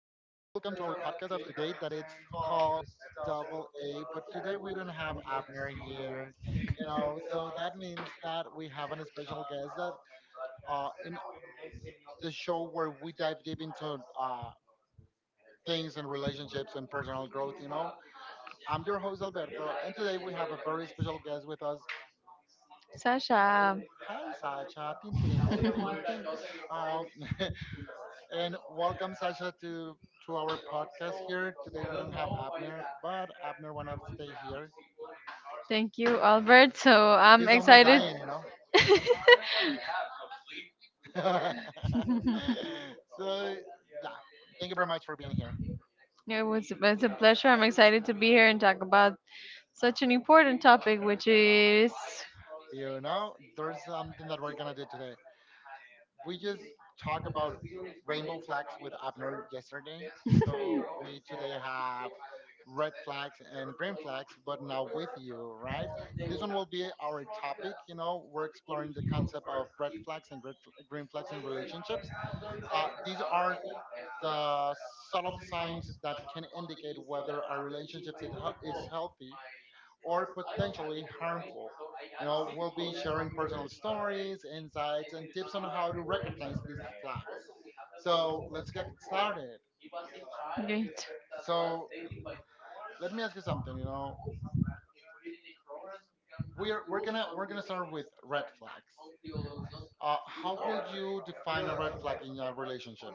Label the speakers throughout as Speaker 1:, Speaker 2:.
Speaker 1: to our podcast of the day that it's called Double A, but today we don't have Abner here, you know, so that means that we have a special guest that in the show where we dive deep into things and relationships and personal growth, you know. I'm your host Alberto and today we have a very special guest with us.
Speaker 2: Sasha.
Speaker 1: Hi Sacha, tin tin tin tin tin tin. Um, and welcome Sasha to our podcast here. Today we don't have Abner, but Abner wanna stay here.
Speaker 2: Thank you, Albert. So I'm
Speaker 1: He's almost
Speaker 2: excited.
Speaker 1: dying, you know. so yeah, thank you very much for being here.
Speaker 2: It's a pleasure. I'm excited to be here and talk about such an important topic, which is
Speaker 1: You know, there's something that we're gonna do today. We just talked about rainbow flags with Abner yesterday. So we today have red flags and green flags, but now with you, right? This one will be our topic. You know, we're exploring the concept of red flags and green flags in relationships. These are the subtle signs that can indicate whether our relationship is healthy or potentially harmful. You know, we'll be sharing personal stories, insights, and tips on how to recognize these flags. So let's get started.
Speaker 2: great.
Speaker 1: So let me ask you something. You know, we're gonna start with red flags. How would you define a red flag in your relationship?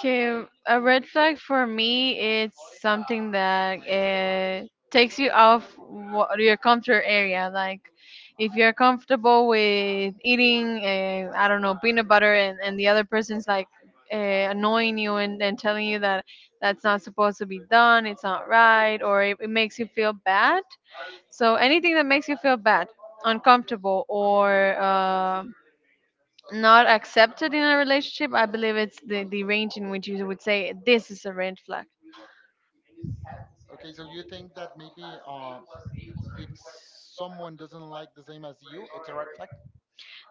Speaker 2: Okay, a red flag for me it's something that takes you off what, your comfort area. Like if you're comfortable with eating, I don't know, peanut butter, and the other person's like uh, annoying you and telling you that that's not supposed to be done, it's not right, or it makes you feel bad. So anything that makes you feel bad, uncomfortable, or not accepted in a relationship. I believe it's the range in which you would say this is a red flag.
Speaker 1: Okay, so you think that maybe if someone doesn't like the same as you, it's a red flag?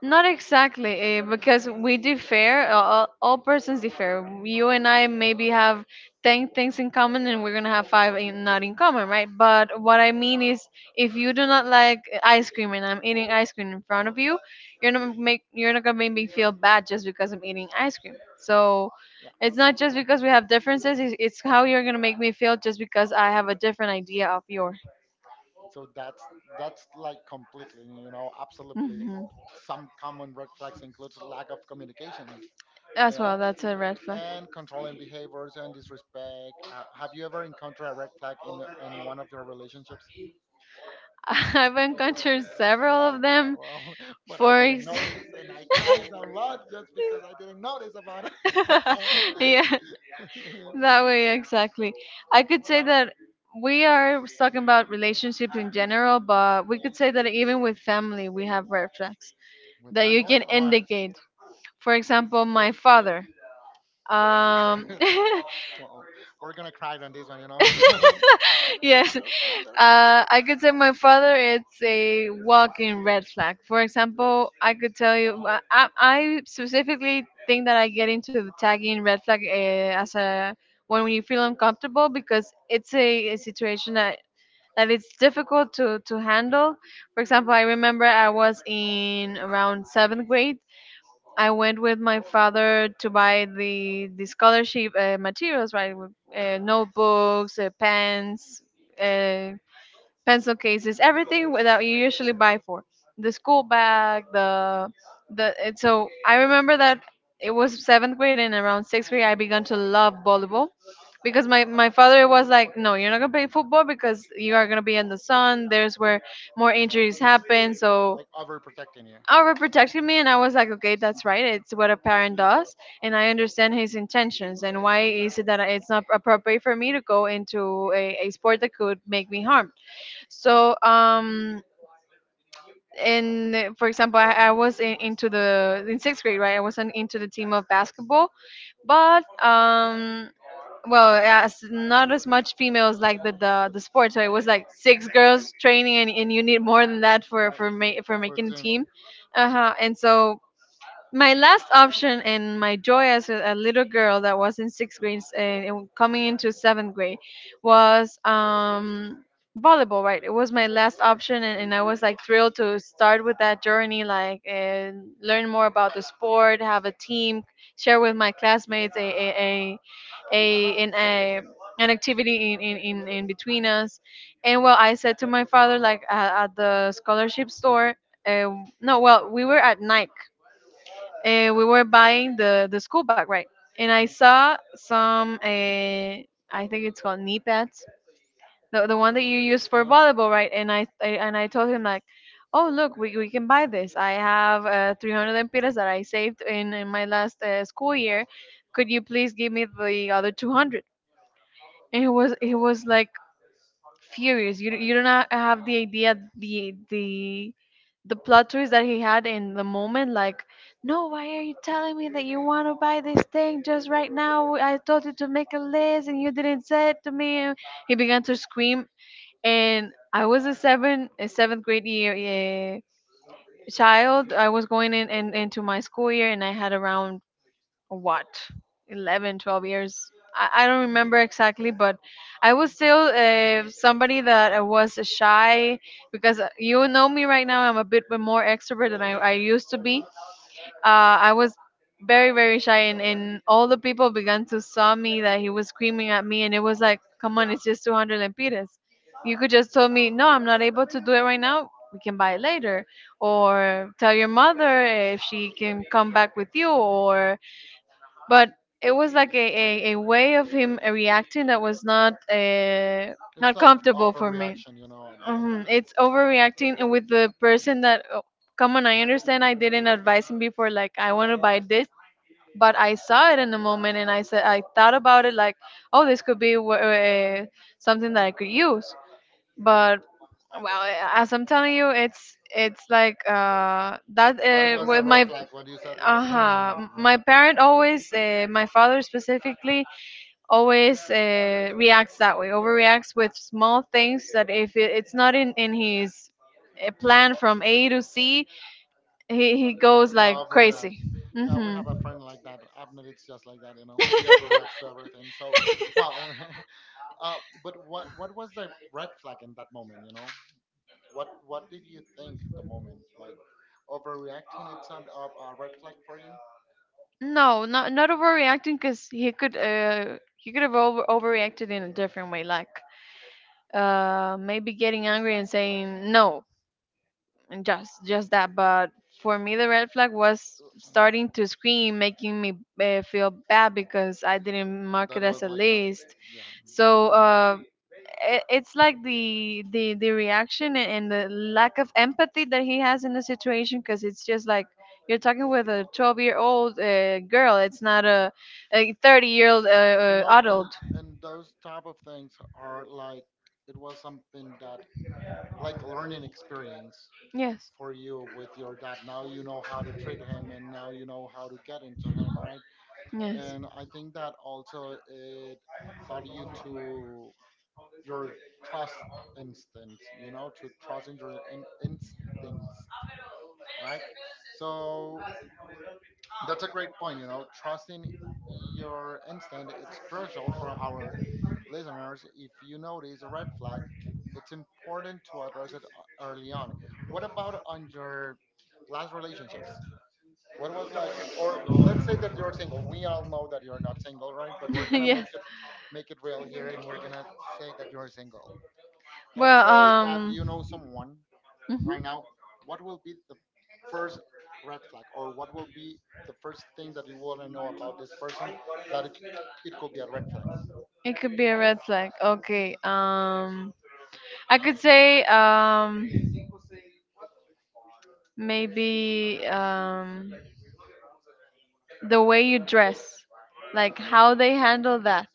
Speaker 2: Not exactly, because we differ. All persons differ. You and I maybe have ten things in common, and we're gonna have five in, not in common, right? But what I mean is, if you do not like ice cream, and I'm eating ice cream in front of you, you're not gonna make me feel bad just because I'm eating ice cream. So
Speaker 1: Yeah.
Speaker 2: it's not just because we have differences. It's how you're gonna make me feel just because I have a different idea of yours.
Speaker 1: So that's like completely, you know, absolutely. Some common red flags includes lack of communication, you
Speaker 2: As well,
Speaker 1: know,
Speaker 2: that's a red flag.
Speaker 1: and controlling behaviors and disrespect. Have you ever encountered a red flag in one of your relationships?
Speaker 2: I've encountered several
Speaker 1: Like
Speaker 2: of them.
Speaker 1: several, but I
Speaker 2: For
Speaker 1: didn't
Speaker 2: ex-
Speaker 1: notice, and I cried a lot just because I didn't notice about it.
Speaker 2: yeah, that way exactly. I could say that we are talking about relationships in general, but we could say that even with family, we have red flags
Speaker 1: With
Speaker 2: that you can
Speaker 1: family, why?
Speaker 2: indicate. For example, my father. Um,
Speaker 1: Well, we're gonna cry on this one, you know.
Speaker 2: yes.
Speaker 1: Your father.
Speaker 2: I could say my father is a walking red flag. For example, I could tell you, I I specifically think that I get into the tagging red flag as a when you feel uncomfortable because it's a situation that that it's difficult to handle. For example, I remember I was in around seventh grade. I went with my father to buy the scholarship materials, right? Notebooks, pens. Uh, pencil cases, everything that you usually buy for the school bag, so I remember that it was seventh grade, and around sixth grade, I began to love volleyball because my father was like, "No, you're not gonna play football because you are gonna be in the sun. There's where more
Speaker 1: Yeah,
Speaker 2: injuries happen." So.
Speaker 1: like overprotecting you.
Speaker 2: Overprotecting me, and I was like, okay, that's right. It's what a parent does, and I understand his intentions and why is it that it's not appropriate for me to go into a sport that could make me harm so, and for example, into the in sixth grade, right? I wasn't into the team of basketball, but well, as not as much females like the sport. So it was like six girls training, and you need more than that for
Speaker 1: But
Speaker 2: for
Speaker 1: for
Speaker 2: making a
Speaker 1: team, mhm,
Speaker 2: team. Uh huh. And so my last option and my joy as a little girl that was in sixth grade and coming into seventh grade was volleyball, right? It was my last option, and I was like thrilled to start with that journey, like and learn more about the sport, have a team, share with my classmates a, a an activity in between us. And well, I said to my father, like at the scholarship store, uh, no, well, we were at night we were buying the school bag, right? And I saw some, I think it's called knee pads, the one that you use for
Speaker 1: yeah,
Speaker 2: volleyball, right? And I told him like, oh look, we can buy this. I have 300 lempiras that I saved in my last school year. Could you please give me the other 200? And he was like furious. You don't have the idea the plot twist that he had in the moment. Like, no, why are you telling me that you want to buy this thing just right now? I told you to make a list and you didn't say it to me. He began to scream, and I was a seventh grade year. Child, I was going in into my school year and I had around what? 11, 12 years. I don't remember exactly, but I was still somebody that I was shy because you know me right now. I'm a bit more extrovert than I used to be. I was very very shy, and all the people began to saw me that he was screaming at me, and it was like come on, it's just 200 lempiras. You could just tell me no, I'm not able to do it right now, we can buy it later, or tell your mother if she can come back with you, or but it was like a way of him reacting that was not
Speaker 1: it's
Speaker 2: not
Speaker 1: like
Speaker 2: comfortable for me.
Speaker 1: overreaction, you know. About
Speaker 2: Mhm, it's overreacting, and with the person that oh, come on. I understand I didn't advise him before, like I want to buy this, but I saw it in the moment and I said I thought about it, like oh, this could be something that I could use. But well, as I'm telling you, it's like that
Speaker 1: that was the
Speaker 2: with
Speaker 1: red
Speaker 2: my
Speaker 1: flag when you said like, hmm,
Speaker 2: uh-huh. My parent always my father specifically always reacts that way, overreacts with small things that if it's not in his plan from A to C, he
Speaker 1: it's
Speaker 2: goes like
Speaker 1: gonna overreact.
Speaker 2: crazy.
Speaker 1: Yeah, we have a
Speaker 2: Mm-hmm.
Speaker 1: friend like that. Abner, it's just like that, you know. He overreacts to everything. So, well, uh, but what was the red flag in that moment, you know? What did you think at the moment? Like, overreacting it's a red flag for you?
Speaker 2: No, not overreacting, because he could have overreacted in a different way, like maybe getting angry and saying no and just that, but for me the red flag was
Speaker 1: Uh, mm,
Speaker 2: starting to scream, making me feel bad because I didn't mark it
Speaker 1: That
Speaker 2: as
Speaker 1: was
Speaker 2: a
Speaker 1: like the
Speaker 2: list.
Speaker 1: yeah. That
Speaker 2: So
Speaker 1: ma-
Speaker 2: it's like the reaction a- and the lack of empathy that he has in the situation, because it's just like you're talking with a 12-year-old girl, it's not a 30-year-old
Speaker 1: you know,
Speaker 2: adult.
Speaker 1: and those type of things are like it was something that like a learning experience
Speaker 2: Yes.
Speaker 1: for you with your dad. Now you know how to treat him, and now you know how to get into him, right?
Speaker 2: Yes.
Speaker 1: And I think that also it taught you to your trust instinct, you know, to trust in your instincts, right? So that's a great point, you know, trusting your instinct. It's crucial for our listeners. If you notice a red flag, it's important to address it early on. What about on your last relationships? What was like, or let's say that you're single. We all know that you're not single, right, but we're gonna make it real here, and we're gonna say that you're single. Let's say that
Speaker 2: Well,
Speaker 1: you know someone right now. What will be the first red flag, or what will be the first thing that you want to know about this person that it could be a red flag?
Speaker 2: it could be a red flag? It could be a red flag. Okay. I could say maybe the way you dress, like how they handle that.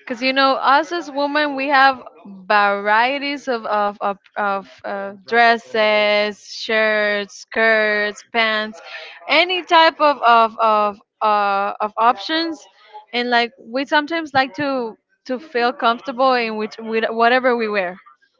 Speaker 2: Because you know, us as women, we have varieties of
Speaker 1: Things, dresses, and everything.
Speaker 2: dresses, shirts, skirts, pants, any type of options, and like we sometimes like to feel comfortable in which with whatever we wear.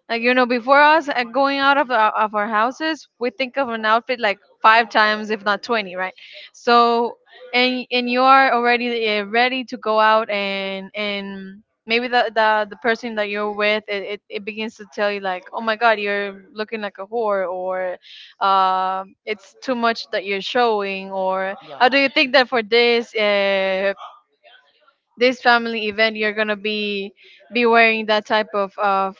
Speaker 2: Like
Speaker 1: Yeah,
Speaker 2: you know, before us going out of of our houses, we think of an outfit like five times, if not 20, right? So and you are already ready to go out, and maybe the person that you're with it begins to tell you like oh my god, you're looking like a whore, or it's too much that you're showing, or
Speaker 1: yeah,
Speaker 2: how do you think that for this this family event you're gonna be wearing that type of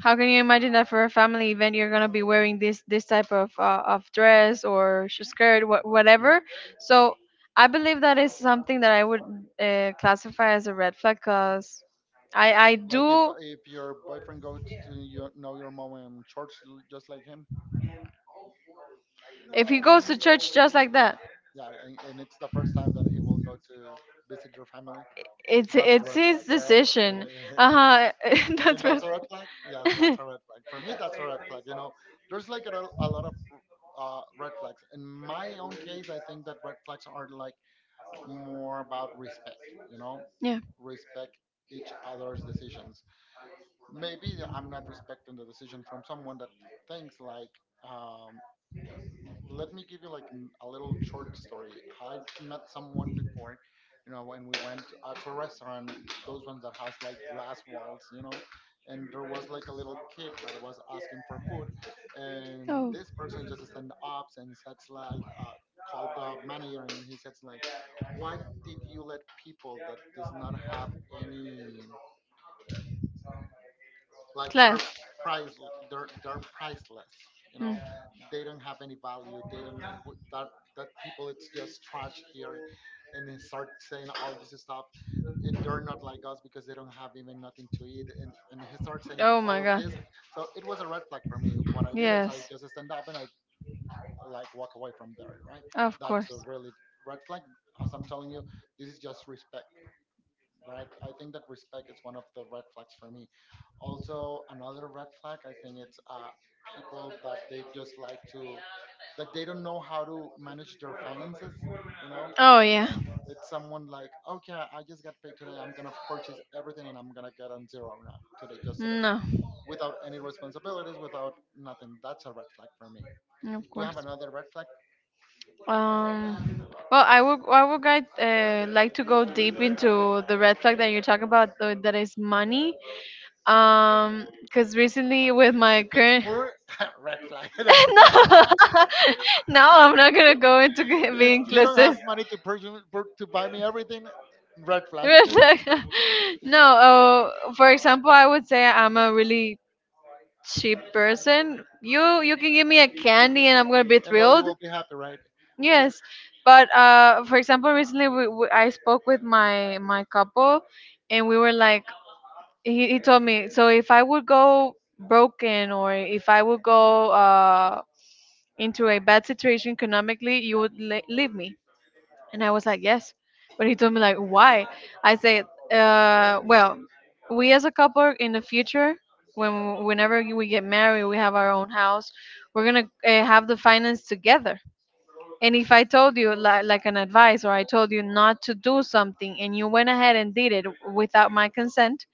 Speaker 2: how can you imagine that for a family event you're gonna be wearing this type of dress or skirt,
Speaker 1: yeah.
Speaker 2: whatever? So I believe that is something that I would classify as a red flag, cause I
Speaker 1: Like
Speaker 2: do.
Speaker 1: if your boyfriend goes to your know your mom in church just like him,
Speaker 2: If he goes to church just like that,
Speaker 1: yeah, and it's the first time that he will go to visit your family. That's a
Speaker 2: it's
Speaker 1: red
Speaker 2: his
Speaker 1: flag, right?
Speaker 2: decision. Uh huh. That's
Speaker 1: And
Speaker 2: right.
Speaker 1: that's a red flag. Yes, that's a red flag. For me, that's a red flag. You know, there's like a lot of red flags. In my own case, I think that red flags are like more about respect. You know,
Speaker 2: Yeah.
Speaker 1: respect each other's decisions. Maybe I'm not respecting the decision from someone that thinks like. um, let me give you like a little short story. I met someone before, you know, when we went out to a restaurant, those ones that has like glass walls, you know, and there was like a little kid that was asking for food,
Speaker 2: Oh.
Speaker 1: and this person just stand up and said like, called the manager and he said like, why did you let people that does not have any, like, they're
Speaker 2: Class.
Speaker 1: price, they're priceless, you know,
Speaker 2: Mm.
Speaker 1: they don't have any value, they don't that people, it's just trash here, and they start saying all this stuff. They're not like us because they don't have even nothing to eat, and he starts saying
Speaker 2: Oh
Speaker 1: all
Speaker 2: my
Speaker 1: of
Speaker 2: god,
Speaker 1: this.
Speaker 2: so
Speaker 1: So it was a red flag for me. What I did is
Speaker 2: yes.
Speaker 1: I
Speaker 2: Stop,
Speaker 1: just stand up and I like walk away from there, right?
Speaker 2: like of course.
Speaker 1: That's a
Speaker 2: This.
Speaker 1: really red flag. As I'm telling you, this is just respect, right? I think that respect is one of the red flags for me. Also, another red flag, I think it's people that they just like to, that they don't know how to manage their finances. You know,
Speaker 2: Oh like yeah. Just
Speaker 1: it's someone like, okay, I just got paid today. I'm gonna purchase everything and I'm gonna get on zero now today, just today,
Speaker 2: no. Of
Speaker 1: without any responsibilities, without nothing. That's a red flag for me. Do
Speaker 2: you have
Speaker 1: you
Speaker 2: course.
Speaker 1: have another red flag?
Speaker 2: Flag. Well, I would guide, like to go deep into the red flag that you talk about, though, that is money. Because recently with my
Speaker 1: If it's
Speaker 2: current,
Speaker 1: poor, red flag. That's
Speaker 2: no, I'm not gonna go into
Speaker 1: if
Speaker 2: being
Speaker 1: you don't have
Speaker 2: inclusive.
Speaker 1: money to to buy me everything, red flag,
Speaker 2: no, for example, I would say I'm a really cheap person. You can give me a candy and I'm gonna be
Speaker 1: and all you
Speaker 2: thrilled.
Speaker 1: will be happy, right? Yeah,
Speaker 2: Yes, but for example, recently I spoke with my couple, and we were like, he told me, so if I would go broken, or if I would go into a bad situation economically, you would le leave me. And I was like, yes. But he told me like, why? I said, well, we as a couple in the future, whenever we get married, we have our own house. We're gonna have the finance together. And if I told you like an advice, or I told you not to do something, and you went ahead and did it without my consent,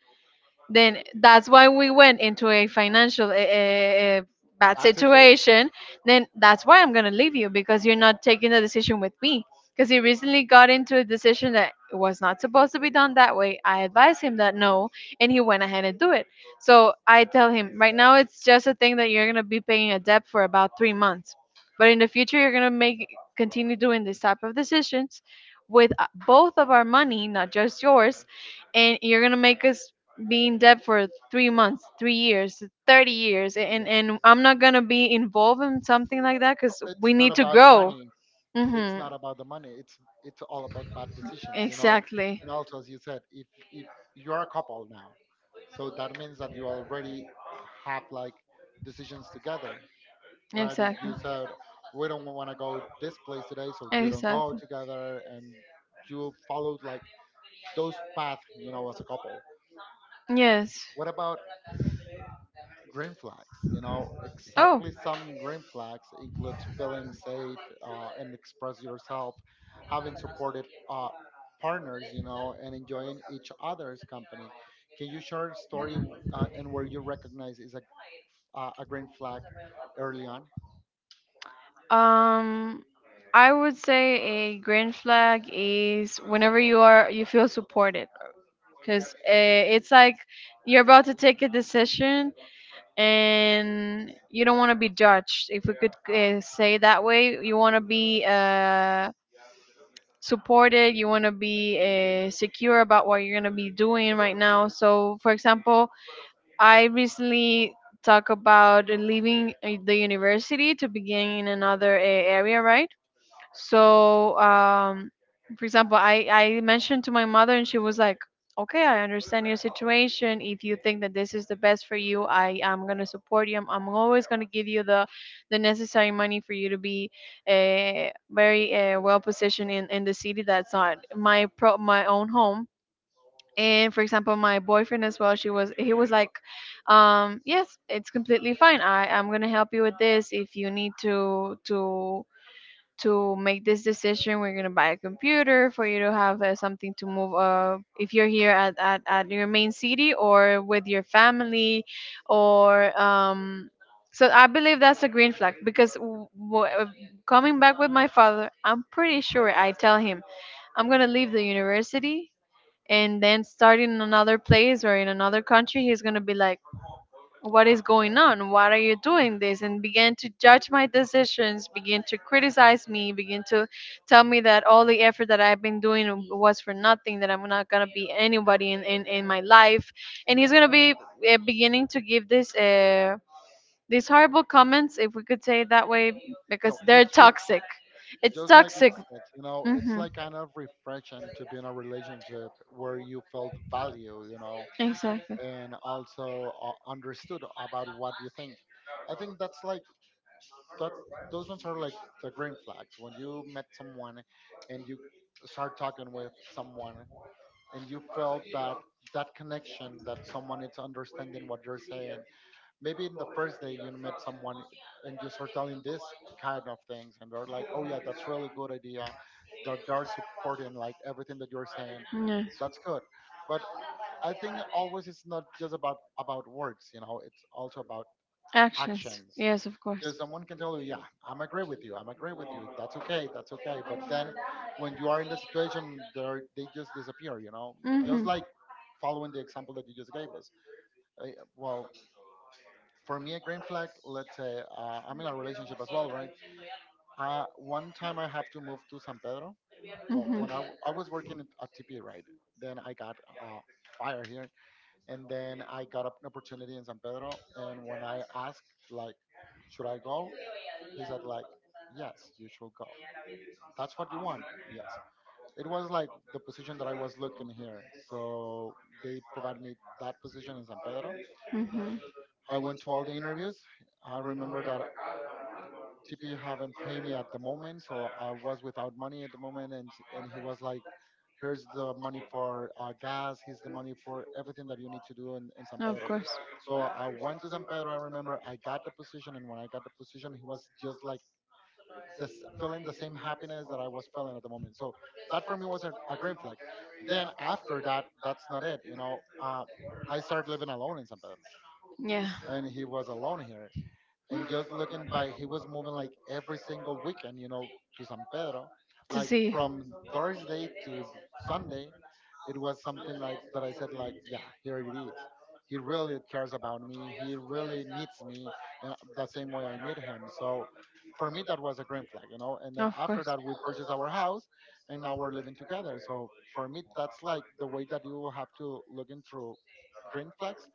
Speaker 2: then that's why we went into a financial bad
Speaker 1: that's a choice.
Speaker 2: situation. Then that's why I'm going to leave you, because you're not taking the decision with me. Because he recently got into a decision that it was not supposed to be done that way. I advised him that no, and he went ahead and do it. So I tell him, right now it's just a thing that you're going to be paying a debt for about 3 months, but in the future you're going to make continue doing this type of decisions with both of our money, not just yours. And you're gonna make us be in debt for 3 months, 3 years, 30 years, and
Speaker 1: Yeah,
Speaker 2: and I'm not gonna be involved in something like that,
Speaker 1: so
Speaker 2: because
Speaker 1: it's
Speaker 2: we
Speaker 1: not
Speaker 2: need to
Speaker 1: about the
Speaker 2: grow.
Speaker 1: money. It's
Speaker 2: Mm-hmm.
Speaker 1: not about the money. It's all about bad decisions, you know.
Speaker 2: Exactly.
Speaker 1: And also, as you said, if you are a couple now, so that means that you already have like decisions together, right? If
Speaker 2: Exactly.
Speaker 1: you said we don't want to go this place today, so you don't go
Speaker 2: Exactly.
Speaker 1: together, and you followed like those paths, you know, as a couple.
Speaker 2: Yes.
Speaker 1: What about green flags? You know,
Speaker 2: Oh.
Speaker 1: exactly some green flags include feeling safe and express yourself, having supported partners, you know, and enjoying each other's company. Can you share a story and where you recognize is a green flag early on?
Speaker 2: Um, I would say a green flag is whenever you feel supported. Because it's like you're about to take a decision and you don't want to be judged. If we could say that way, you want to be supported, you want to be secure about what you're going to be doing right now. So, for example, I recently talk about leaving the university to begin in another area, right? So, for example, I mentioned to my mother, and she was like, okay, I understand your situation. If you think that this is the best for you, I am going to support you. I'm always going to give you the necessary money for you to be very well positioned in the city that's not my own home. And for example, my boyfriend as well, she was he was like, yes, it's completely fine. I'm gonna help you with this if you need to make this decision. We're going to buy a computer for you to have something to move if you're here at your main city or with your family, or so I believe that's a green flag, because coming back with my father, I'm pretty sure I tell him I'm going to leave the university and then start in another place or in another country, he's going to be like, what is going
Speaker 1: No.
Speaker 2: on? Why are you doing this? And began to judge my decisions, begin to criticize me, begin to tell me that all the effort that I've been doing was for nothing, that I'm not going to be anybody in my life. And he's going to be beginning to give this. These horrible comments, if we could say it that way, because
Speaker 1: No,
Speaker 2: they're
Speaker 1: it's
Speaker 2: toxic. It's
Speaker 1: just like it
Speaker 2: toxic.
Speaker 1: said, you know, it's
Speaker 2: Hmm.
Speaker 1: like kind of refreshing to be in a relationship where you felt value, you know,
Speaker 2: Exactly.
Speaker 1: and also understood about what you think. I think that's like that. Those ones are like the green flags when you met someone and you start talking with someone and you felt that that connection, that someone is understanding what you're saying, maybe in the first day you met someone and you start telling this kind of things, and they're like oh yeah, that's really good idea, they're supporting like everything that you're saying.
Speaker 2: Yes.
Speaker 1: That's good. But I think always it's not just about words, you know, it's also about
Speaker 2: Actions.
Speaker 1: actions,
Speaker 2: Yes, of course.
Speaker 1: because someone can tell you yeah I'm agree with you, I'm agree with you, that's okay, that's okay, but then when you are in the situation, they just disappear, you know, just
Speaker 2: Hmm.
Speaker 1: like following the example that you just gave us. Uh, well for me, a green flag, let's say I'm in a relationship as well, right? One time I have to move to San Pedro. Well,
Speaker 2: Mm-hmm.
Speaker 1: when I was working at TP, right? Then I got fired here. And then I got an opportunity in San Pedro. And when I asked, like, should I go? He said, like, yes, you should go. That's what you want. Yes. It was like the position that I was looking here. So they provided me that position in San Pedro.
Speaker 2: Mm-hmm.
Speaker 1: I went to all the interviews. I remember that TP haven't paid me at the moment, so I was without money at the moment, and he was like, "Here's the money for gas. Here's the money for everything that you need to do in San
Speaker 2: Of
Speaker 1: Pedro."
Speaker 2: course.
Speaker 1: So I went to San Pedro. I remember I got the position, and when I got the position, he was just like this, feeling the same happiness that I was feeling at the moment. So that for me was a green flag. Then after that, that's not it. I started living alone in San Pedro,
Speaker 2: Yeah.
Speaker 1: and he was alone here and just looking by he was moving like every single weekend, you know, to san pedro
Speaker 2: To
Speaker 1: like
Speaker 2: see.
Speaker 1: from thursday to sunday. It was something like that. I said like, yeah, here it is. He really cares about me, he really needs me and the same way I need him. So for me that was a green flag, you know. And then
Speaker 2: Of
Speaker 1: after
Speaker 2: course.
Speaker 1: that we purchased our house and now we're living together. So for me that's like the way that you have to look into green flags.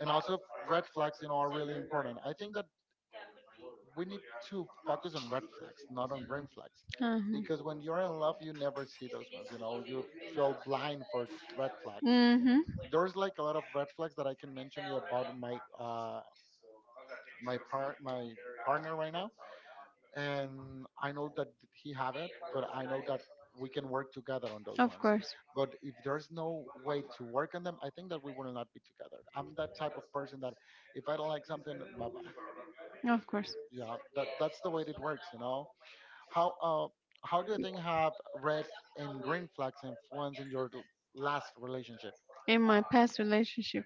Speaker 1: And also red flags, you know, are really important. I think that we need to focus on red flags, not on green flags.
Speaker 2: Uh-huh.
Speaker 1: Because when you're in love, you never see those ones. You know, you feel blind for red flags.
Speaker 2: Mhm.
Speaker 1: There's like a lot of red flags that I can mention you about my partner right now, and I know that he have it, but I know that we can work together on those
Speaker 2: Of
Speaker 1: ones.
Speaker 2: course.
Speaker 1: But if there's no way to work on them, I think that we will not be together. I'm that type of person that if I don't like something, bye bye.
Speaker 2: Of course.
Speaker 1: Yeah, that's the way it works. You know. How uh, how do you think have red and green flags influenced in last relationship?
Speaker 2: In my past relationship.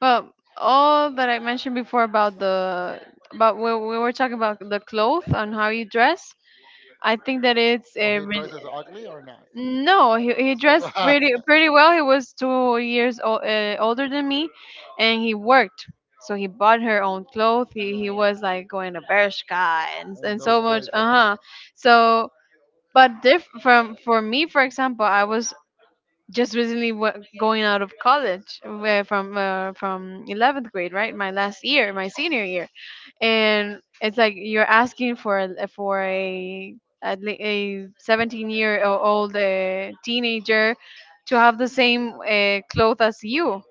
Speaker 2: Well, all that I mentioned before about the about we were talking about the clothes and how you dress. I think that it's
Speaker 1: So
Speaker 2: a
Speaker 1: he
Speaker 2: re-
Speaker 1: dresses ugly or not?
Speaker 2: No, he dressed pretty pretty well. He was 2 years old, older than me, and he worked. So he bought her own clothes. He
Speaker 1: You
Speaker 2: he
Speaker 1: know,
Speaker 2: was like going to Bershka and
Speaker 1: in
Speaker 2: and so
Speaker 1: those
Speaker 2: much.
Speaker 1: places.
Speaker 2: Uh huh. So, but diff from for me, for example, I was just recently going out of college, where from 11th grade, right, my last year, my senior year. And it's like, you're asking for a 17-year-old teenager to have the same clothes as you.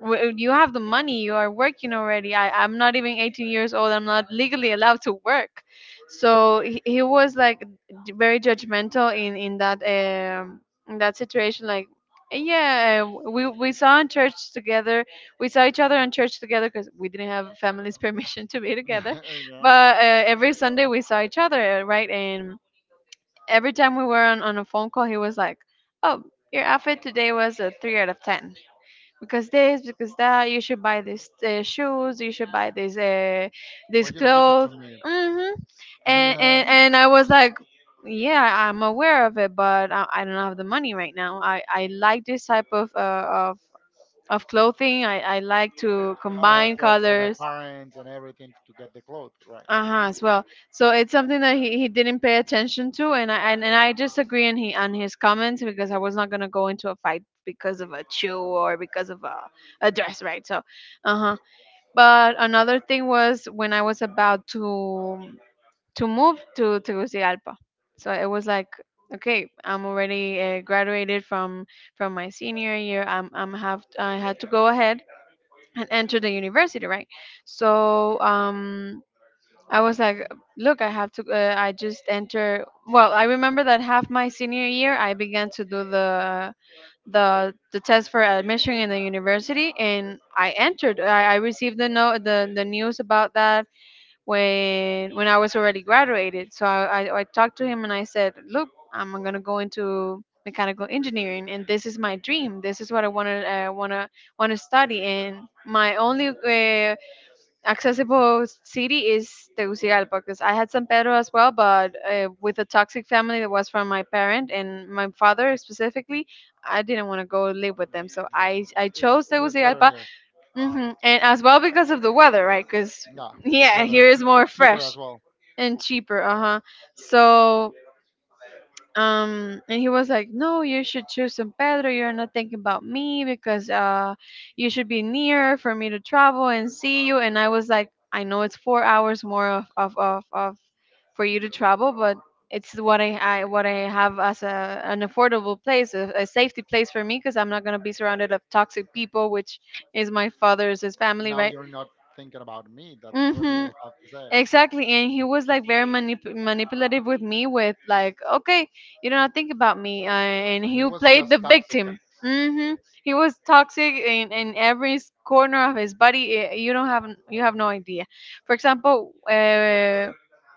Speaker 2: You have the money, you are working already. I'm not even 18 years old, I'm not legally allowed to work. So he was like very judgmental in that situation, like, yeah. We saw in church together. We saw each other in church together, because we didn't have family's permission to be together.
Speaker 1: Yeah.
Speaker 2: But every Sunday we saw each other, right, and every time we were on a phone call, he was like, oh, your outfit today was a three out of ten, because this, because that, you should buy these shoes, you should buy this
Speaker 1: Well, you don't give it
Speaker 2: clothes.
Speaker 1: to me.
Speaker 2: Hmm. and, and
Speaker 1: Yeah.
Speaker 2: and i was like, yeah, I'm aware of it, but I don't have the money right now, I like this type of clothing, I like to
Speaker 1: I have
Speaker 2: combine
Speaker 1: to ask for my
Speaker 2: colors.
Speaker 1: parents and everything to get the clothes, right?
Speaker 2: Uh-huh, as well. So it's something that he didn't pay attention to, and I just agree on he on his comments, because I was not going to go into a fight because of a shoe or because of a dress, right? So, uh-huh. But another thing was when I was about to move to Tegucigalpa. So it was like, okay, I'm already graduated from my senior year. I had to go ahead and enter the university, right? So I was like, look, I have to I just enter. Well, I remember that half my senior year I began to do the test for admission in the university, and I entered. I received the no the, the news about that when I was already graduated. So I talked to him and I said, look, I'm gonna go into mechanical engineering, and this is my dream. This is what I wanna study, and my only accessible city is Tegucigalpa, because I had San Pedro as well, but with a toxic family that was from my parent and my father specifically, I didn't want to go live with
Speaker 1: Mhm.
Speaker 2: them, so I
Speaker 1: It,
Speaker 2: chose
Speaker 1: it was better
Speaker 2: Tegucigalpa.
Speaker 1: here.
Speaker 2: Hmm. And as well because of the weather, right? Because,
Speaker 1: Yeah, it's
Speaker 2: yeah, here
Speaker 1: better.
Speaker 2: is more
Speaker 1: It's cheaper
Speaker 2: fresh
Speaker 1: as well.
Speaker 2: and cheaper. Uh huh. So, and he was like, no, you should choose San Pedro, you're not thinking about me, because you should be near for me to travel and see you. And I was like, I know it's 4 hours more of for you to travel, but it's what I have as a an affordable place, a safety place for me, because I'm not gonna be surrounded of toxic people, which is my father's his family,
Speaker 1: Now
Speaker 2: right?
Speaker 1: you're not thinking about me. That's what
Speaker 2: Mm-hmm.
Speaker 1: you have to say.
Speaker 2: Exactly, and he was like very manipulative with me, with like, okay, you don't think about me, and
Speaker 1: So
Speaker 2: he
Speaker 1: he was
Speaker 2: played
Speaker 1: just
Speaker 2: the
Speaker 1: toxic.
Speaker 2: victim. Hmm. He was toxic in every corner of his body. You don't have you have no idea. For example, uh,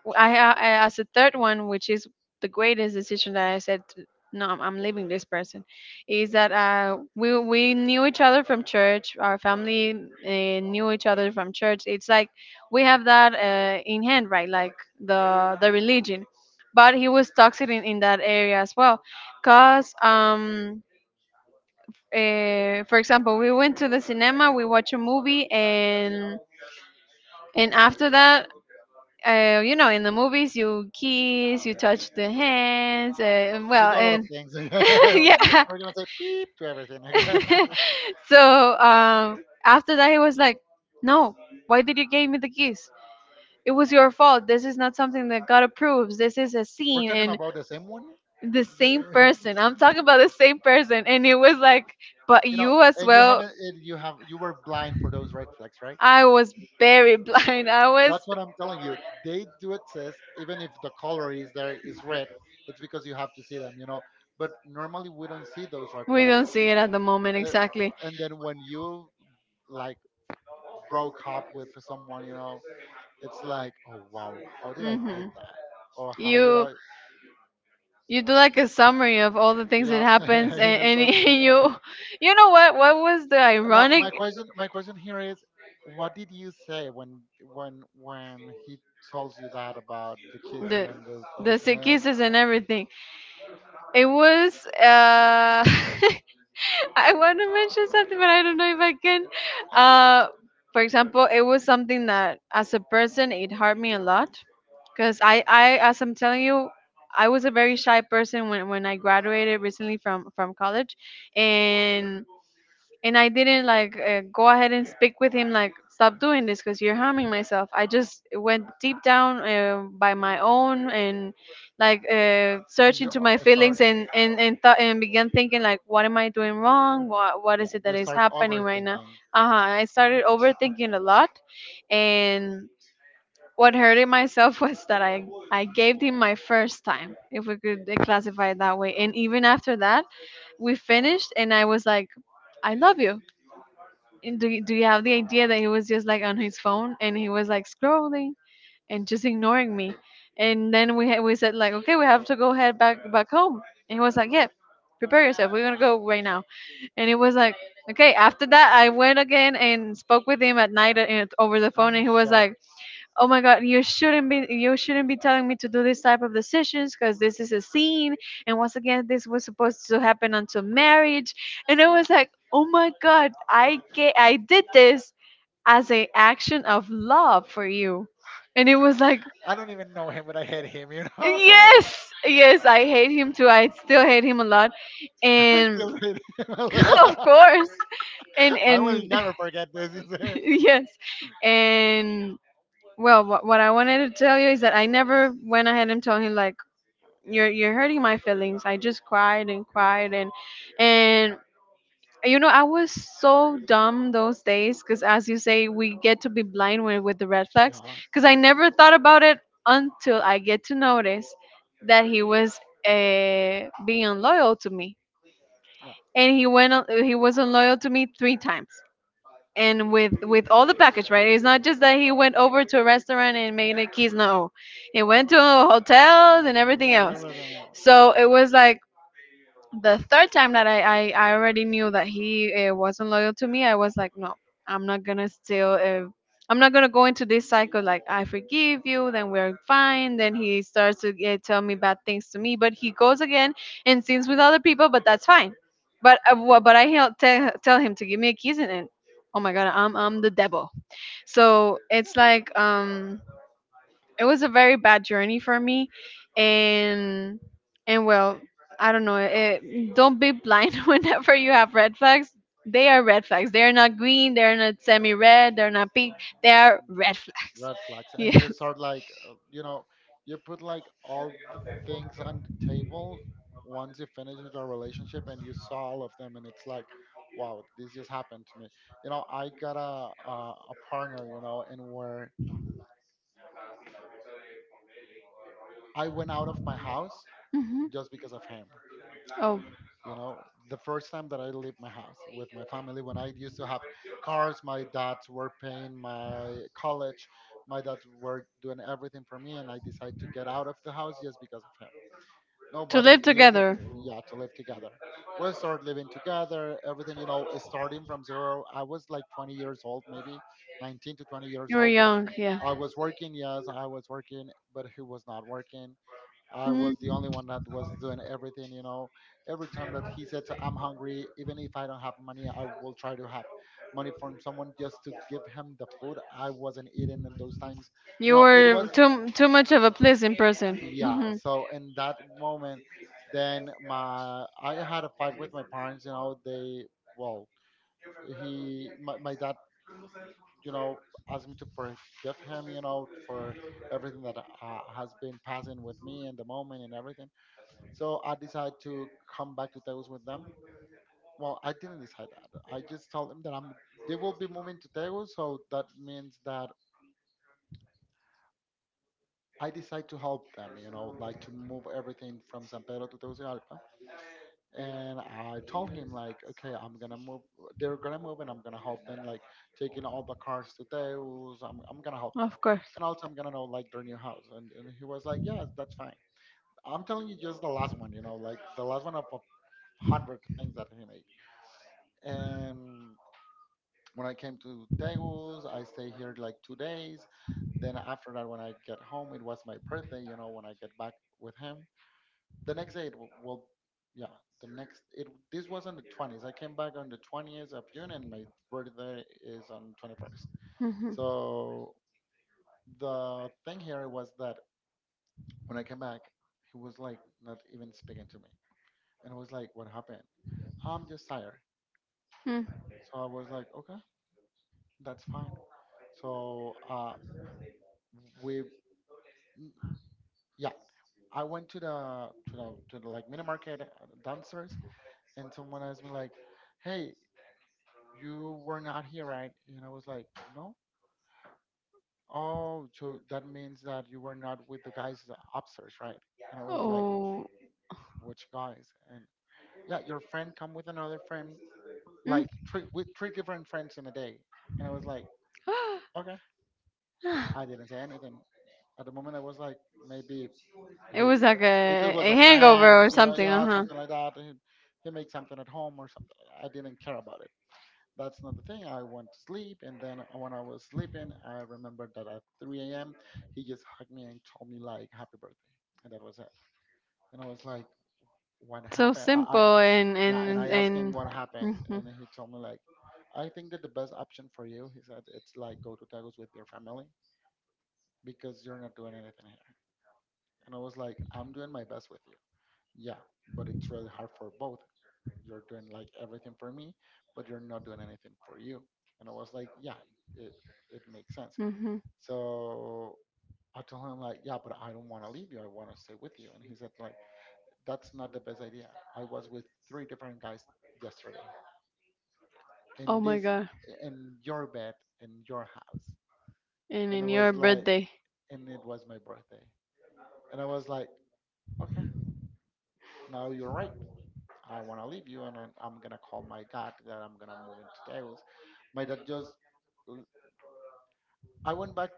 Speaker 2: w- I, ha- I as a third one, which is the greatest decision that I said, no, I'm leaving this person, is that we we knew each other from church. Our family knew each other from church. It's like we have that in hand, right, like the religion. But he was toxic in that area as well, because for example, we went to the cinema, we watched a movie, and after that, you know, in the movies you kiss, you touch the hands,
Speaker 1: He
Speaker 2: well,
Speaker 1: did a lot of
Speaker 2: and
Speaker 1: things. We're
Speaker 2: yeah
Speaker 1: gonna say beep to everything. Okay.
Speaker 2: so after that he was like, no, why did you give me the kiss? It was your fault. This is not something that God approves. This is a
Speaker 1: We're
Speaker 2: sin,
Speaker 1: talking
Speaker 2: and
Speaker 1: about the same one.
Speaker 2: the same
Speaker 1: The-
Speaker 2: person. I'm talking about the same person. And it was like, but
Speaker 1: You know,
Speaker 2: you as
Speaker 1: and you
Speaker 2: well.
Speaker 1: haven't. And you have. You were blind for those red flags, right?
Speaker 2: I was very blind. I was.
Speaker 1: That's what I'm telling you. They do exist, even if the color is there is red. It's because you have to see them, you know. But normally we don't see those red
Speaker 2: We
Speaker 1: flags.
Speaker 2: don't see it at the moment,
Speaker 1: Uh,
Speaker 2: exactly.
Speaker 1: and then when you like broke up with someone, you know, it's like, oh wow, how did I did
Speaker 2: Hmm.
Speaker 1: that? Or how did
Speaker 2: You
Speaker 1: I?
Speaker 2: you do like a summary of all the things that
Speaker 1: Yeah,
Speaker 2: happens,
Speaker 1: you
Speaker 2: and
Speaker 1: start thinking about.
Speaker 2: you you know what was the
Speaker 1: Now
Speaker 2: ironic,
Speaker 1: my question, my question here is, what did you say when when he tells you that about the kids
Speaker 2: the
Speaker 1: and on the
Speaker 2: the sick
Speaker 1: cinema,
Speaker 2: kisses and everything. It was I want to mention something, but I don't know if I can. Uh, for example, it was something that, as a person, it hurt me a lot, because as I'm telling you, I was a very shy person when I graduated recently from college, and and I didn't like go ahead and speak with him like, stop doing this, because you're harming myself. I just went deep down by my own, and like
Speaker 1: and
Speaker 2: search
Speaker 1: you
Speaker 2: into my
Speaker 1: start?
Speaker 2: feelings, and thought and began thinking like, what am I doing wrong? What
Speaker 1: Yeah,
Speaker 2: is it that
Speaker 1: you
Speaker 2: is
Speaker 1: start
Speaker 2: happening right now?
Speaker 1: overthinking.
Speaker 2: Uh huh. I started overthinking a lot, and what hurted myself was that I gave him my first time, if we could classify it that way. And even after that, we finished, and I was like, I love you. And do you have the idea that he was just like on his phone, and he was like scrolling and just ignoring me? And then we said, like, okay, we have to go head back home. And he was like, yeah, prepare yourself. We're gonna go right now. And it was like, okay. After that, I went again and spoke with him at night over the phone,
Speaker 1: I'm
Speaker 2: and he was
Speaker 1: shocked.
Speaker 2: like, oh my god, you shouldn't be telling me to do this type of decisions, because this is a scene, and once again this was supposed to happen until marriage. And I was like, oh my god, I did this as an action of love for you. And it was like,
Speaker 1: I don't even know him, but I hate him, you know?
Speaker 2: yes, I hate him too. I still hate him a lot.
Speaker 1: I
Speaker 2: And
Speaker 1: still hate him.
Speaker 2: of course. and
Speaker 1: I will
Speaker 2: and
Speaker 1: never forget this. Is it?
Speaker 2: yes. And well, what I wanted to tell you is that I never went ahead and told him like, you're hurting my feelings. I just cried and cried, and you know, I was so dumb those days, because as you say, we get to be blind when, with the red flags,
Speaker 1: Yeah,
Speaker 2: because I
Speaker 1: because,
Speaker 2: never thought about it until I get to notice that he was being unloyal to me.
Speaker 1: yeah,
Speaker 2: And he was unloyal to me three times, and with all the package,
Speaker 1: she
Speaker 2: right? It's
Speaker 1: don't
Speaker 2: not
Speaker 1: know.
Speaker 2: just that he went over to a restaurant and made a keys, no, he went to
Speaker 1: I
Speaker 2: hotels and everything else.
Speaker 1: never know.
Speaker 2: So it was like the third time that I already knew that he wasn't loyal to me, I was like, no, I'm not gonna still, I'm not gonna go into this cycle. Like, I forgive you, then we're fine. Then he starts to tell me bad things to me, but he goes again and sings with other people, but that's fine. But but tell him to give me a kiss, and oh my god, I'm the devil. So it's like it was a very bad journey for me. and and well, I don't know, don't be blind whenever you have red flags. They are red flags, they are not green, they're not semi-red, they're not pink, they are red flags.
Speaker 1: Red flags and
Speaker 2: Yeah.
Speaker 1: you start like you know, you put like all the things on the table once you finish with your relationship and you saw all of them, and it's like, wow, this just happened to me. You know, I got a partner, you know, and where I went out of my house
Speaker 2: Hmm.
Speaker 1: just because of him.
Speaker 2: Oh.
Speaker 1: You know, the first time that I left my house with my family, when I used to have cars, my dads were paying my college, my dad were doing everything for me, and I decided to get out of the house just because of him.
Speaker 2: To
Speaker 1: Nobody's
Speaker 2: live
Speaker 1: new.
Speaker 2: together.
Speaker 1: Yeah, to live together. We'll start living together, everything, you know, is starting from zero. I was like 20 years old, maybe 19 to 20 years
Speaker 2: You were
Speaker 1: old.
Speaker 2: young, yeah.
Speaker 1: I was working, yes, I was working, but he was not working. I
Speaker 2: Mm.
Speaker 1: was the only one that was doing everything, you know. Every time that he said I'm hungry, even if I don't have money, I will try to have money from someone just to give him the food. I wasn't eating in those times. You
Speaker 2: You
Speaker 1: know, it
Speaker 2: were
Speaker 1: was,
Speaker 2: too much of a pleasant person.
Speaker 1: yeah.
Speaker 2: Hmm.
Speaker 1: So in that moment, then my I had a fight with my parents, you know, they, well, my dad, you know, asked me to forgive him, you know, for everything that has been passing with me in the moment and everything. So I decided to come back to tegus with them. Well, I didn't decide that, I just told them that I'm they will be moving to tegus, so that means that I decide to help them, you know, like to move everything from san pedro to tegucigalpa. And I told him like, okay, I'm gonna move. They're gonna move, and I'm gonna help them like taking all the cars to Deus. I'm gonna help them,
Speaker 2: Of course.
Speaker 1: and also I'm gonna know like their new house. And he was like, yeah, that's fine. I'm telling you, just the last one, you know, like the last one of a 100 things that he made. And when I came to Deus, I stayed here like two days. Then after that, when I get home, it was my birthday. You know, when I get back with him, the next day well, yeah, the next this was on the 20th. I came back on the 20th of june and my birthday is on 21st.
Speaker 2: Hmm.
Speaker 1: So the thing here was that when I came back, he was like not even speaking to me, and I was like, what happened? I'm just tired.
Speaker 2: Mm.
Speaker 1: So I was like, okay, that's fine. So we mm, yeah, I went to the like mini market, downstairs, and someone asked me like, hey, you were not here, right? And I was like, no. Oh, so that means that you were not with the guys upstairs, right? And I was like,
Speaker 2: Oh.
Speaker 1: which guys? And yeah, your friend come with another friend,
Speaker 2: Mm.
Speaker 1: like three with three different friends in a day. And I was like, okay. I didn't say anything. At the moment, I was like, maybe
Speaker 2: It
Speaker 1: he,
Speaker 2: was like
Speaker 1: it was
Speaker 2: a
Speaker 1: a
Speaker 2: hangover
Speaker 1: friend,
Speaker 2: or
Speaker 1: you know,
Speaker 2: something, uh
Speaker 1: yeah,
Speaker 2: huh.
Speaker 1: something like that. He made something at home or something. I didn't care about. That's not the thing. I went to sleep, and then when I was sleeping, I remembered that at 3 a.m., he just hugged me and told me like, "Happy birthday," and that was it. And I was like, "What
Speaker 2: So
Speaker 1: happened?" I
Speaker 2: simple
Speaker 1: yeah, and I asked him
Speaker 2: and.
Speaker 1: what happens,
Speaker 2: Hmm.
Speaker 1: and he told me like, "I think that the best option for you," he said, "it's like go to Tagus with your family because you're not doing anything here." And I was like, "I'm doing my best with you." Yeah, but it's really hard for both. You're doing like everything for me, but you're not doing anything for you. And I was like, yeah, it, it makes sense.
Speaker 2: Hmm.
Speaker 1: So I told him like, yeah, but I don't want to leave you. I want to stay with you. And he said like, that's not the best idea. I was with three different guys yesterday
Speaker 2: Oh
Speaker 1: in
Speaker 2: my
Speaker 1: this,
Speaker 2: god.
Speaker 1: in your bed, in your house.
Speaker 2: And
Speaker 1: And I
Speaker 2: in your
Speaker 1: was like,
Speaker 2: birthday.
Speaker 1: and it was my birthday. And I was like, okay, now you're right. I want to leave you, and I'm gonna call my dad that I'm gonna move into Taos. My dad just, I went back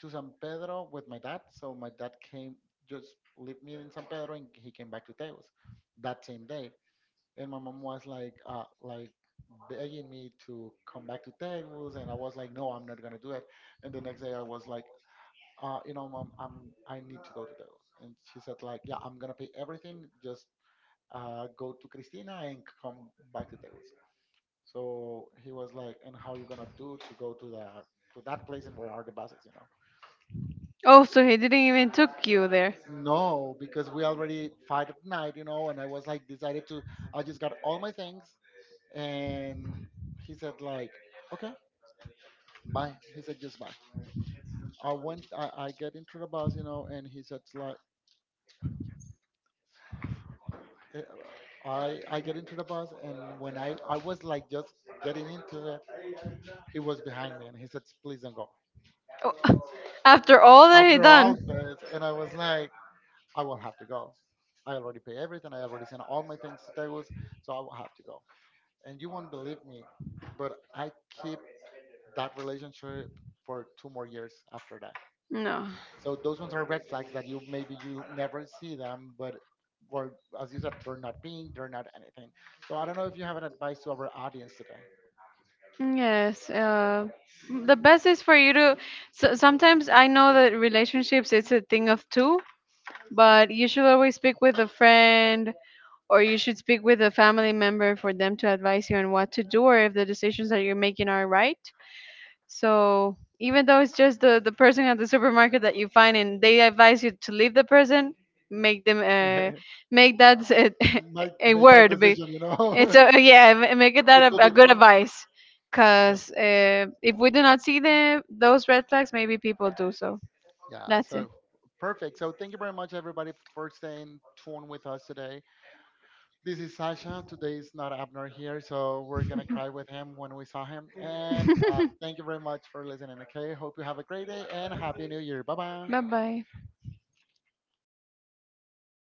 Speaker 1: to San Pedro with my dad. So my dad came, just left me in San Pedro, and he came back to Teos that same day. And my mom was like begging me to come back to Teos, and I was like, no, I'm not gonna do it. And the next day, I was like, you know, mom, I need to go to Teos. And she said like, yeah, I'm gonna pay everything. Just go to Cristina and come back to Teos. So he was like, and how you gonna do to go to the to that place and where are the buses, you know?
Speaker 2: Oh, so he didn't even took you there.
Speaker 1: No, because we already fight at night, you know, and I was like decided to, I just got all my things and he said like, okay, bye. He said just bye. I get into the bus, you know, and he said like eh, I get into the bus and when I was like just getting into it, he was behind me and he said, please don't go.
Speaker 2: Oh, after all that he
Speaker 1: After
Speaker 2: done.
Speaker 1: all this and I was like, I will have to go. I already pay everything, I already sent all my things to Tegus, so I will have to go. And you won't believe me, but I keep that relationship for 2 more years after that.
Speaker 2: No.
Speaker 1: So those ones are red flags that you maybe you never see them, but were, as you said, they're not pink, they're not anything. So I don't know if you have an advice to our audience today.
Speaker 2: Yes. The best is for you to. So, sometimes I know that relationships it's a thing of two, but you should always speak with a friend, or you should speak with a family member for them to advise you on what to do, or if the decisions that you're making are right. So even though it's just the person at the supermarket that you find and they advise you to leave the person, make them make that a,
Speaker 1: Might
Speaker 2: a
Speaker 1: make that
Speaker 2: word.
Speaker 1: decision, you
Speaker 2: It's
Speaker 1: know.
Speaker 2: a, yeah, make it
Speaker 1: It
Speaker 2: that
Speaker 1: could be
Speaker 2: a good
Speaker 1: true.
Speaker 2: advice.
Speaker 1: Yeah.
Speaker 2: Because if we do not see those red flags, maybe people do so.
Speaker 1: Yeah,
Speaker 2: That's it.
Speaker 1: so perfect. So thank you very much, everybody, for staying tuned with us today. This is Sasha. Today is not Abner here, so we're gonna cry with him when we saw him. And thank you very much for listening. Okay, hope you have a great day and happy New Year. Bye bye.
Speaker 2: Bye bye.